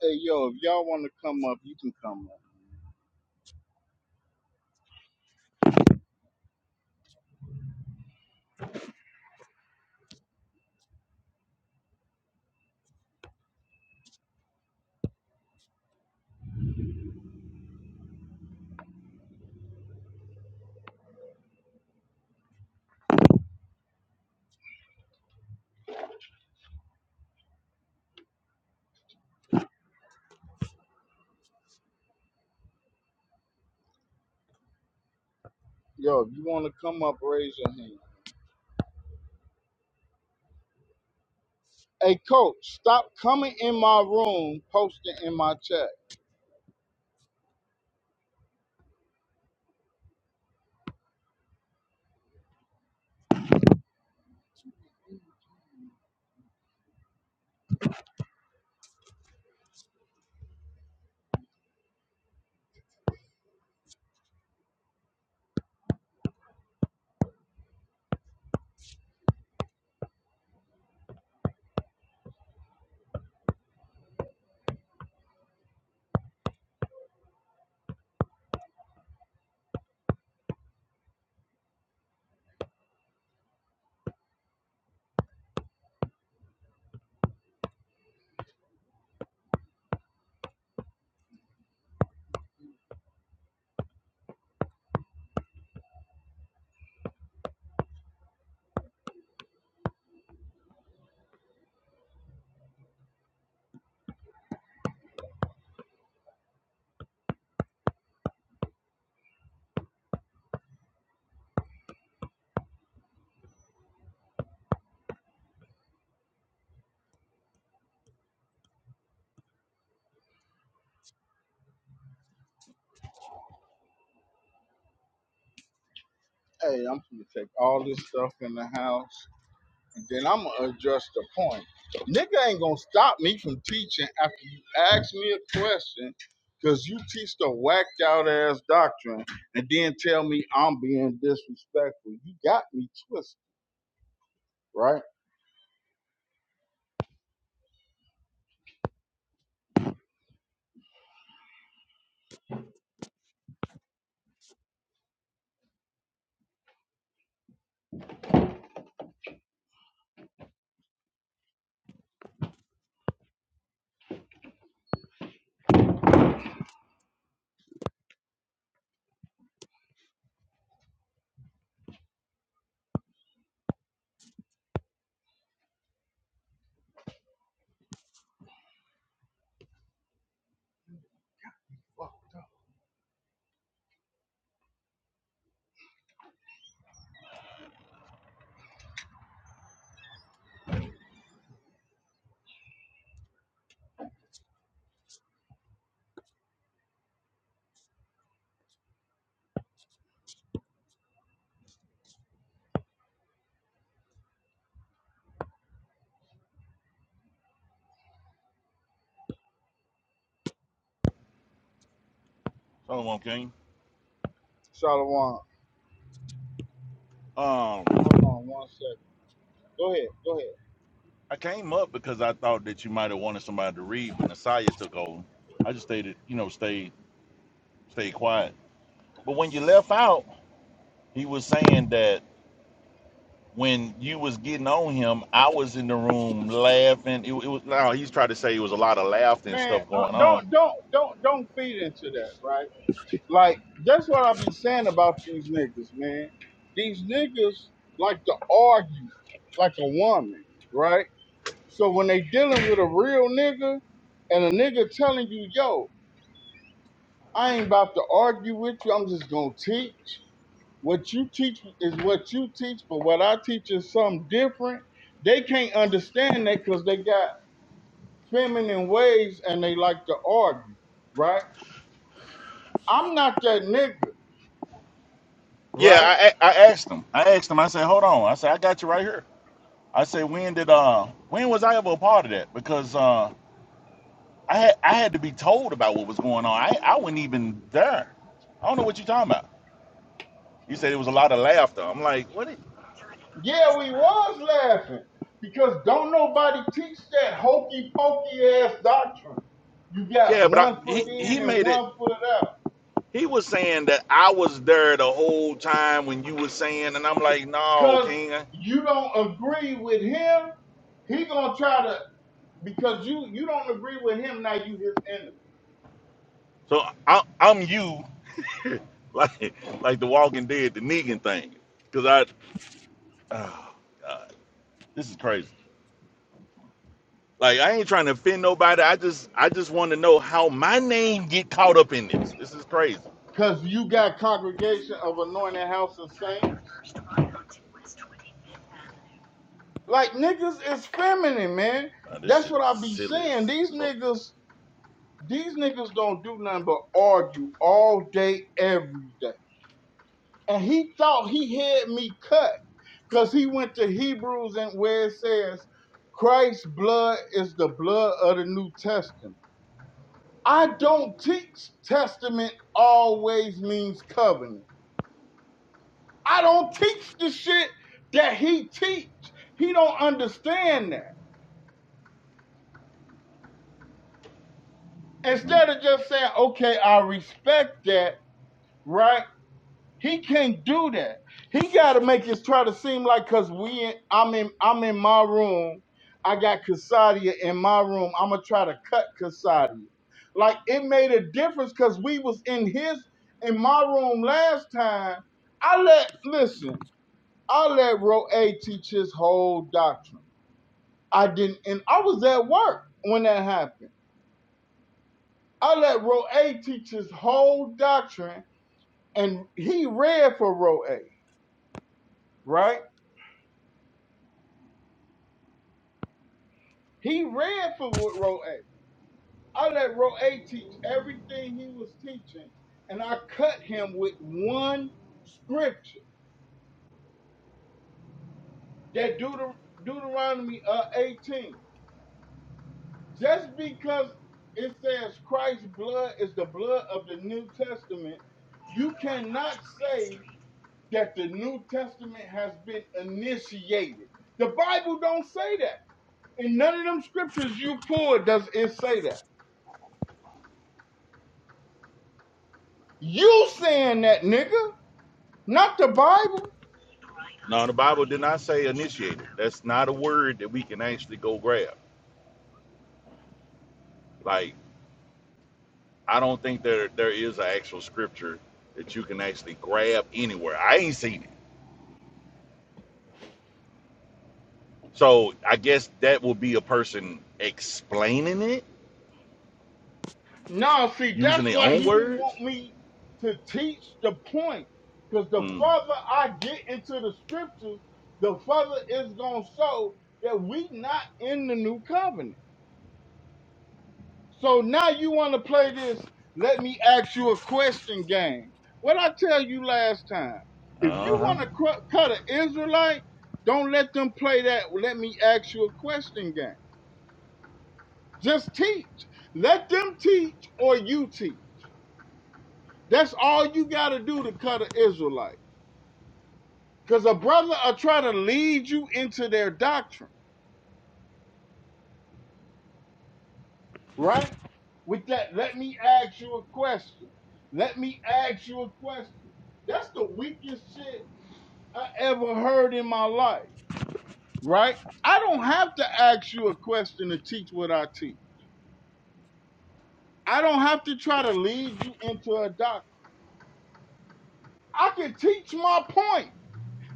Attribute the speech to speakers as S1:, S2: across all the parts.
S1: Hey, yo, if y'all want to come up, you can come up. Yo, if you want to come up, raise your hand. Hey, coach, stop coming in my room, posting in my chat. Hey, I'm gonna take all this stuff in the house, and then I'm gonna address the point. Nigga ain't gonna stop me from teaching after you ask me a question, cause you teach the whacked out ass doctrine, and then tell me I'm being disrespectful. You got me twisted, right?
S2: Solomon King.
S1: Shalom.
S2: Um,
S1: Hold on one second. Go ahead. Go ahead.
S2: I came up because I thought that you might have wanted somebody to read, but Nasiah took over. I just stayed, you know, stayed, stayed quiet. But when you left out, he was saying that when you was getting on him, I was in the room laughing. It, it was now he's trying to say it was a lot of laughter and
S1: man,
S2: stuff
S1: uh,
S2: going on.
S1: don't don't don't don't feed into that, right? Like that's what I've been saying about these niggas, man. These niggas like to argue like a woman, right? So when they dealing with a real nigga and a nigga telling you, yo, I ain't about to argue with you, I'm just gonna teach. What you teach is what you teach, but what I teach is something different. They can't understand that because they got feminine ways and they like to argue, right? I'm not that nigga,
S2: Yeah,
S1: right?
S2: I, I I asked him. I asked him. I said, "Hold on." I said, "I got you right here." I said, "When did uh when was I ever a part of that?" Because uh I had, I had to be told about what was going on. I I wasn't even there. I don't know what you're talking about. You said it was a lot of laughter. I'm like, what? It,
S1: Yeah, we was laughing because don't nobody teach that hokey pokey ass doctrine. You got
S2: yeah, but I,
S1: one
S2: he
S1: foot
S2: he
S1: in and
S2: made it.
S1: one foot out.
S2: He was saying that I was there the whole time when you were saying, and I'm like, no,
S1: Cause
S2: King.
S1: you don't agree with him, he gonna try to because you you don't agree with him now you his enemy.
S2: So I, I'm you, like like the Walking Dead, the Negan thing, because I, oh God, this is crazy. Like I ain't trying to offend nobody. I just I just want to know how my name get caught up in this. This is crazy.
S1: Cause you got congregation of anointed house of saints. Like niggas is feminine, man.
S2: Nah, this
S1: That's
S2: shit
S1: what I be
S2: silly
S1: saying.
S2: as
S1: These
S2: fuck.
S1: niggas These niggas don't do nothing but argue all day, every day. And he thought he had me cut because he went to Hebrews and where it says Christ's blood is the blood of the New Testament. I don't teach testament always means covenant. I don't teach the shit that he teach. He don't understand that.
S2: Mm.
S1: Instead of just saying, okay, I respect that, right? He can't do that. He got to make it try to seem like cause we in, I'm in I'm in my room. I got Casadia in my room. I'm gonna try to cut Casadia. Like it made a difference cause we was in his in my room last time. I let listen. I let Roe A teach his whole doctrine. I didn't, and I was at work when that happened. I let Roe A teach his whole doctrine, and he read for Roe A. Right? He ran for what row A. I let row A teach everything he was teaching, and I cut him with one scripture that Deuter- Deuteronomy uh, 18. Just because it says Christ's blood is the blood of the New Testament, you cannot say that the New Testament has been initiated. The Bible don't say that. In none of them scriptures you pulled does it say that. You saying that, nigga. Not the Bible.
S2: No, the Bible did not say initiated. That's not a word that we can actually go grab. Like, I don't think there there is an actual scripture that you can actually grab anywhere. I ain't seen it. So I guess that will be a person explaining it
S1: No, see,
S2: using
S1: that's
S2: their
S1: why
S2: own
S1: he didn't want
S2: words.
S1: me to teach the point. Because the
S2: Mm.
S1: further I get into the scriptures, the further it's going to show that we not in the new covenant. So now you want to play this, let me ask you a question game. What I tell you last time, if
S2: Uh
S1: you
S2: huh.
S1: want to cr- cut an Israelite, don't let them play that, let me ask you a question game. Just teach. Let them teach or you teach. That's all you got to do to cut an Israelite. Because a brother are trying to lead you into their doctrine, right? With that, let me ask you a question. Let me ask you a question. That's the weakest shit I ever heard in my life, right? I don't have to ask you a question to teach what I teach. I don't have to try to lead you into a doctrine. I can teach my point,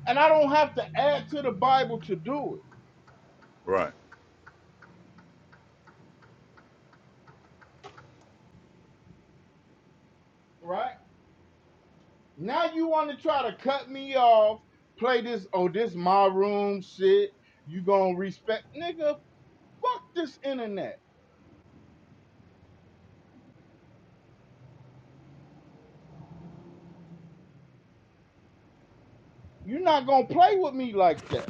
S1: and I don't have to add to the Bible to do it,
S2: Right.
S1: right? Now you want to try to cut me off, play this, oh, this my room shit. You gonna respect, nigga, fuck this internet. you not gonna play with me like that.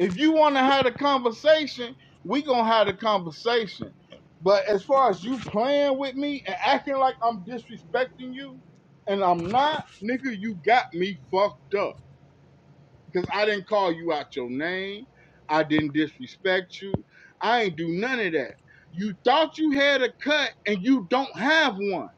S1: If you wanna have a conversation, we gonna have a conversation. But as far as you playing with me and acting like I'm disrespecting you, and I'm not, nigga, you got me fucked up. because I didn't call you out your name. I didn't disrespect you. I ain't do none of that. You thought you had a cut and you don't have one.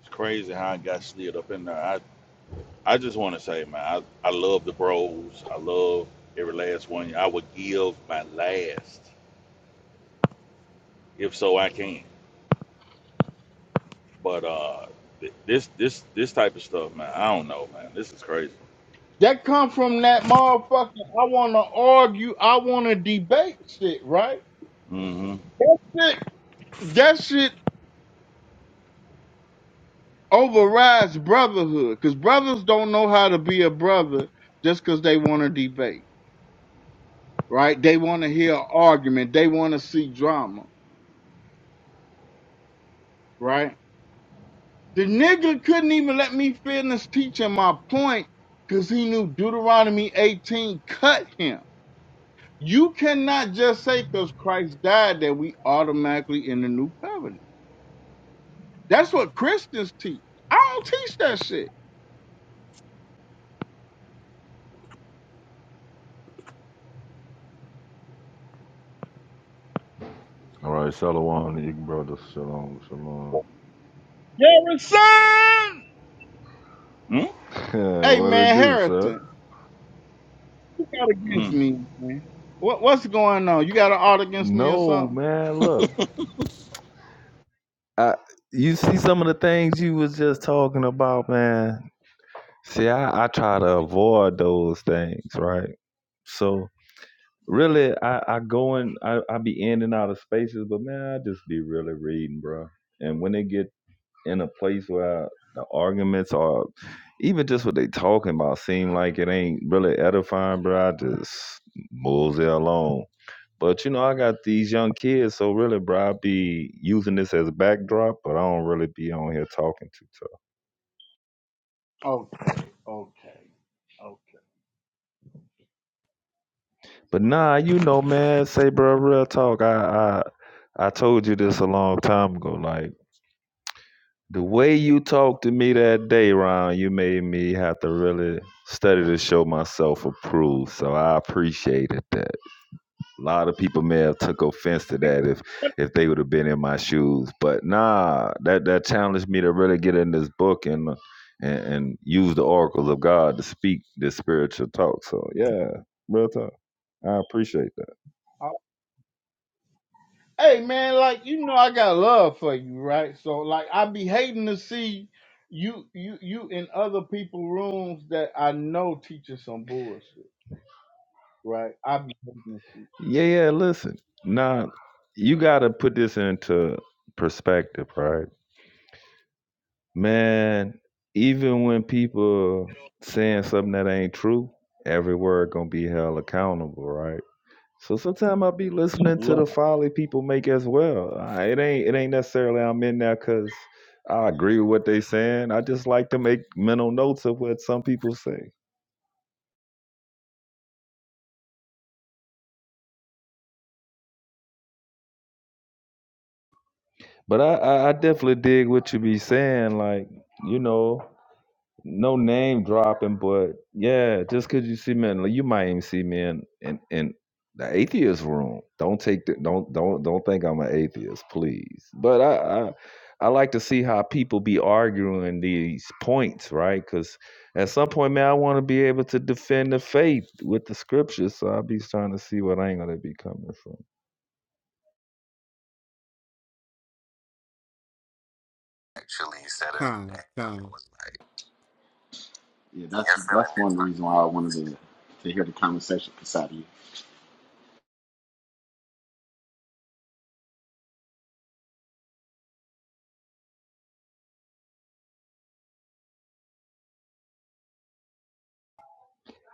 S2: It's crazy how I got slid up in there. I, I just want to say, man, I, I love the bros. I love every last one. I would give my last If so, I can. But uh, th- this this this type of stuff, man, I don't know, man. This is crazy.
S1: That come from that motherfucker. I want to argue. I want to debate shit, right?
S2: hmm
S1: That, that shit overrides brotherhood because brothers don't know how to be a brother just because they want to debate, right? They want to hear an argument. They want to see drama, right? The nigga couldn't even let me finish teaching my point because he knew Deuteronomy 18 cut him. You cannot just say because Christ died that we automatically in the new covenant. That's what Christians teach. I don't teach that shit.
S3: All right, Shalom, the brothers. Shalom, shalom.
S1: Harrison! Hey
S3: what it
S1: man,
S3: do, sir?
S1: Harrison, you got against
S2: Mm-hmm.
S1: me, man. What, what's going on? You got an art against me or
S3: No,
S1: something?
S3: man. Look, I, you see some of the things you was just talking about, man. See, I, I try to avoid those things, right? So really, I, I go in, I, I be in and out of spaces, but man, I just be really reading, bro. And when it get in a place where the arguments are even just what they talking about seem like it ain't really edifying, bro, I just moves it along. But you know, I got these young kids, so really, bro, I be using this as a backdrop, but I don't really be on here talking too tough.
S1: Oh, Okay, okay,
S3: But nah, you know, man, say, bro, real talk. I I I told you this a long time ago. Like the way you talked to me that day, Ron, you made me have to really study to show myself approved. So I appreciated that. A lot of people may have took offense to that if if they would have been in my shoes. But nah, that that challenged me to really get in this book and and, and use the oracles of God to speak this spiritual talk. So yeah, real talk. I appreciate that.
S1: okay. hey man, like you know I got love for you, right? So like I be hating to see you you you in other people rooms that I know teaching some bullshit, right? I be hating to
S3: Yeah, yeah. Listen, nah, you got to put this into perspective, right? Man, even when people saying something that ain't true, every word gonna be held accountable, right? So sometimes I be listening
S1: see.
S3: to the folly people make as well. I- It ain't it ain't necessarily I'm in there because I agree with what they saying. I just like to make mental notes of what some people say. But I, I, I definitely dig what you be saying. Like you know, no name dropping, but yeah, just cause you see me, in, you might even see me in in, in the atheist room. Don't take the, don't don't don't think I'm an atheist, please. But I, I I like to see how people be arguing these points, right? Cause at some point, man, I want to be able to defend the faith with the scriptures. So I'll be trying to see what angle they be coming from.
S4: Come, kind come.
S5: Yeah, that's that's one of the reasons why I wanted to to hear the conversation beside you.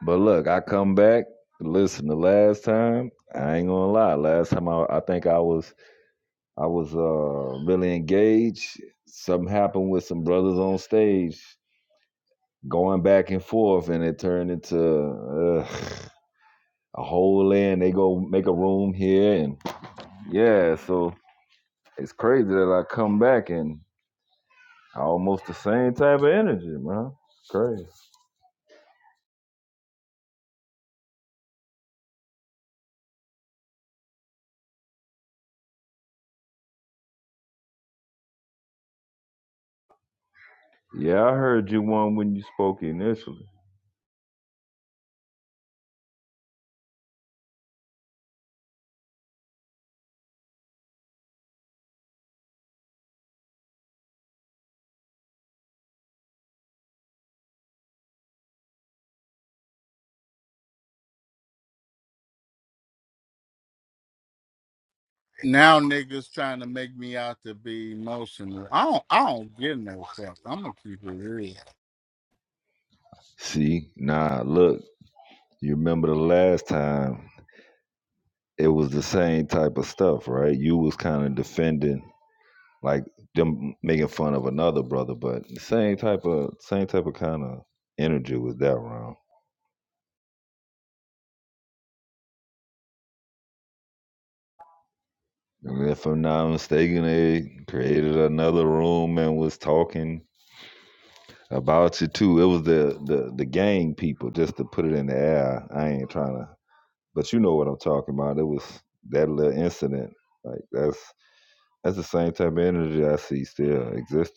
S3: But look, I come back. Listen, the last time I ain't gonna lie. Last time I, I think I was I was uh, really engaged. Something happened with some brothers on stage, going back and forth, and it turned into uh, a whole end. They go make a room here, and yeah, so it's crazy that I come back and almost the same type of energy, man. It's crazy. Yeah, I heard you one when you spoke initially.
S4: Now niggas trying to make me out to be emotional. I don't I don't give no was fuck. I'm gonna keep it real.
S3: See, nah, look, you remember the last time it was the same type of stuff, right? You was kind of defending like them making fun of another brother, but the same type of same type of kind of energy was that round. And if I'm not mistaken, they created another room and was talking about you too. It was the the the gang people, just to put it in the air. I ain't trying to, but you know what I'm talking about. It was that little incident. Like that's that's the same type of energy I see still exist.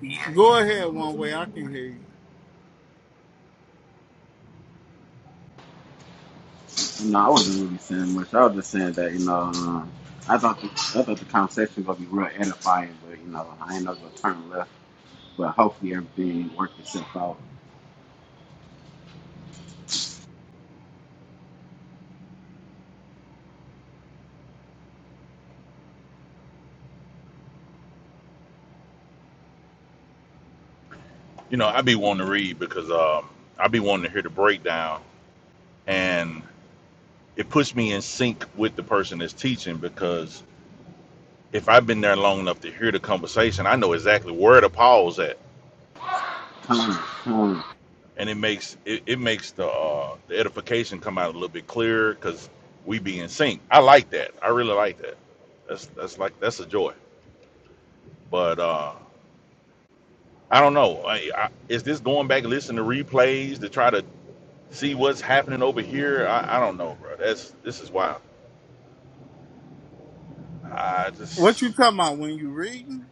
S4: yeah, Go yeah, ahead one way, I can hear you.
S5: No, I wasn't really saying much. I was just saying that you know uh, I thought the, I thought the conversation was gonna be real edifying, but you know I ain't know gonna turn left. But hopefully everything worked itself out.
S2: You know, I be wanting to read because um, I be wanting to hear the breakdown, and it puts me in sync with the person that's teaching because if I've been there long enough to hear the conversation, I know exactly where to pause at,
S5: Tony, Tony,
S2: and it makes it, it makes the uh, the edification come out a little bit clearer because we be in sync. I like that. I really like that. That's that's like that's a joy. But uh, I don't know. I, I, is this going back and listening to replays to try to see what's happening over here? I, I don't know, bro. That's this is wild. I
S4: What you
S2: just
S4: talking about when you reading?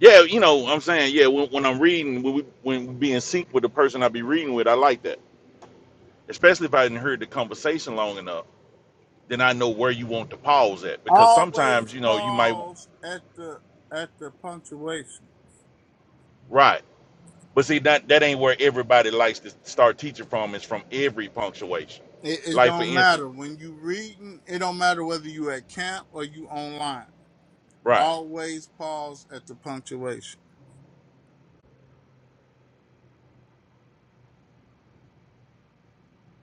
S2: yeah, you know, I'm saying yeah. When, when I'm reading, when we when we be in sync with the person I be reading with, I like that. Especially if I didn't heard the conversation long enough, then I know where you want to pause at. Because sometimes
S4: Always
S2: you know you might
S4: pause at the at the punctuation.
S2: right, but see that that ain't where everybody likes to start teaching from. Is from every punctuation.
S4: It, it
S2: Like for
S4: don't
S2: instance,
S4: matter. When you reading, it don't matter whether you at camp or you online.
S2: right,
S4: Always pause at the punctuation.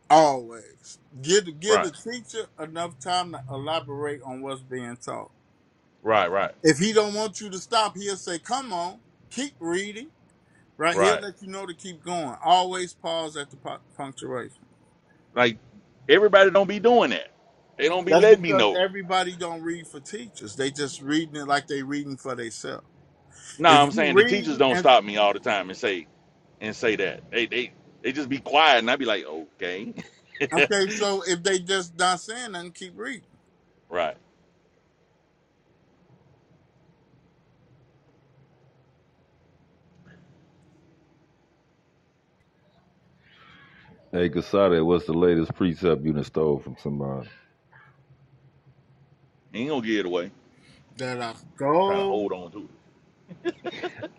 S4: Always. Give the give
S2: right,
S4: the teacher enough time to elaborate on what's being taught.
S2: right, right,
S4: If he don't want you to stop, he'll say, Come on, keep reading. Right? He'll
S2: right.
S4: let you know to keep going. Always pause at the pu- punctuation.
S2: Like everybody don't be doing that. They don't be
S4: That's
S2: letting me
S4: because
S2: know.
S4: everybody don't read for teachers. They just reading it like they reading for themselves.
S2: Nah,
S4: If
S2: I'm
S4: you
S2: saying the
S4: read
S2: teachers don't
S4: and
S2: stop me all the time and say and say that. They they they just be quiet and I be like, okay,
S4: okay, so if they just not saying nothing, keep reading.
S2: right.
S3: Hey, Gasada, what's the latest precept you done stole from somebody?
S2: Ain't gonna give it away. I'm
S4: That I
S2: trying to
S4: stole.
S2: hold on to it.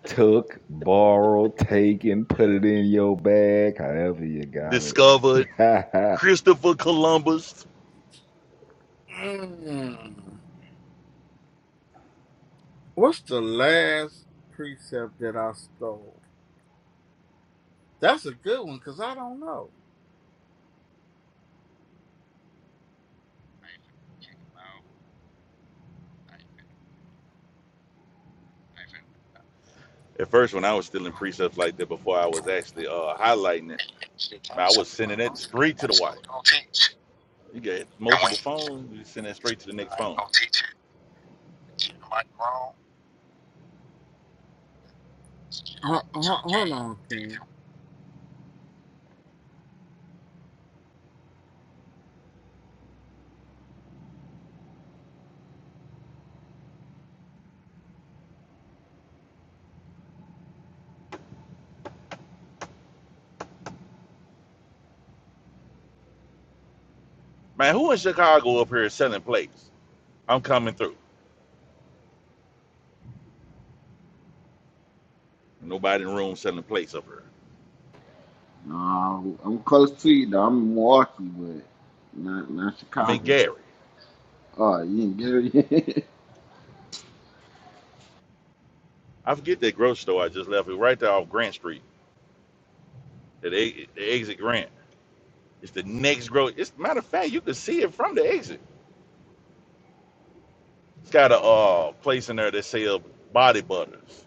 S3: took, borrowed, taken, put it in your bag, however you got
S2: Discovered
S3: it.
S2: Christopher Columbus.
S4: Mm. What's the last precept that I stole? That's a good one because I don't know.
S2: At first, when I was still in precepts like that, before I was actually uh, highlighting it, man, I was sending it straight to the wife. You get multiple phones, you send it straight to the next phone.
S4: Ho- ho- Hold on.
S2: Man, who in Chicago up here is selling plates? I'm coming through. Nobody in the room selling plates up here.
S5: no, I'm close to you though. I'm in Milwaukee, but not not
S2: I'm in
S5: Chicago.
S2: Gary.
S5: Oh, you didn't get it.
S2: I forget that grocery store I just left. It right there off Grant Street. at the exit Grant. It's the next grocery. It's matter of fact, you can see it from the exit. It's got a uh, place in there that sell body butters.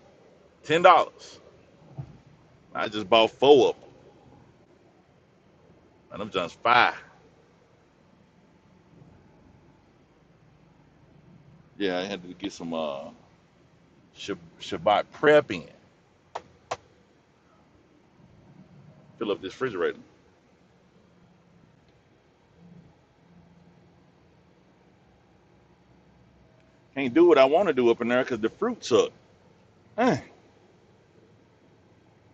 S2: Ten dollars. I just bought four of them, and I'm just five. Yeah, I had to get some uh, Shabbat prep in. Fill up this refrigerator. Can't do what I want to do up in there because the fruit sucked. Eh,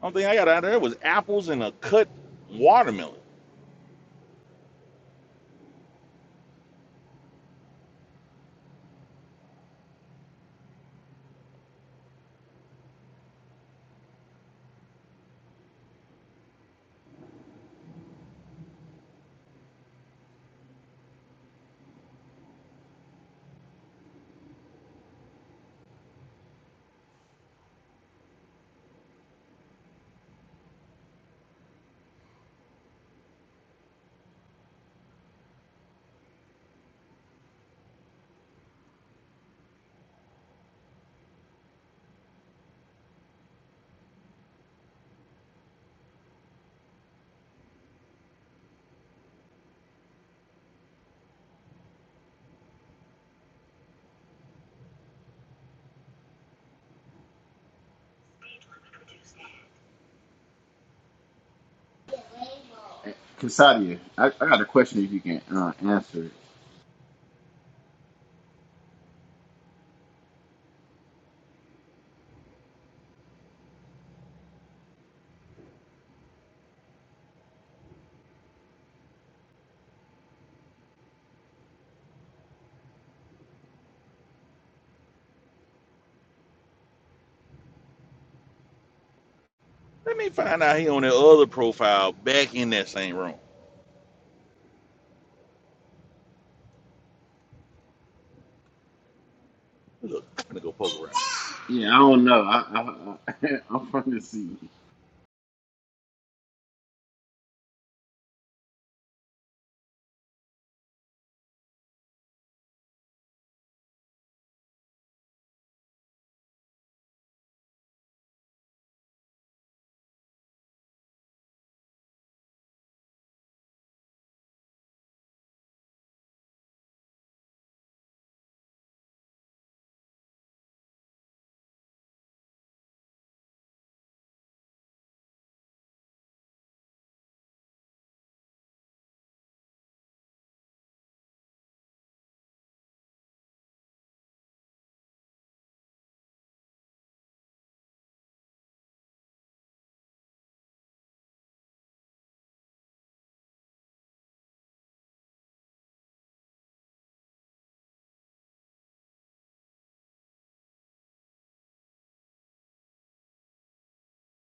S2: only thing I got out of there was apples and a cut watermelon.
S5: Kasadia, I, I got a question if you can uh, answer it.
S2: Let me find out he on that other profile back in that same room. Look, I'm gonna go poke around.
S5: Yeah, I don't know. I, I, I, I'm from the sea.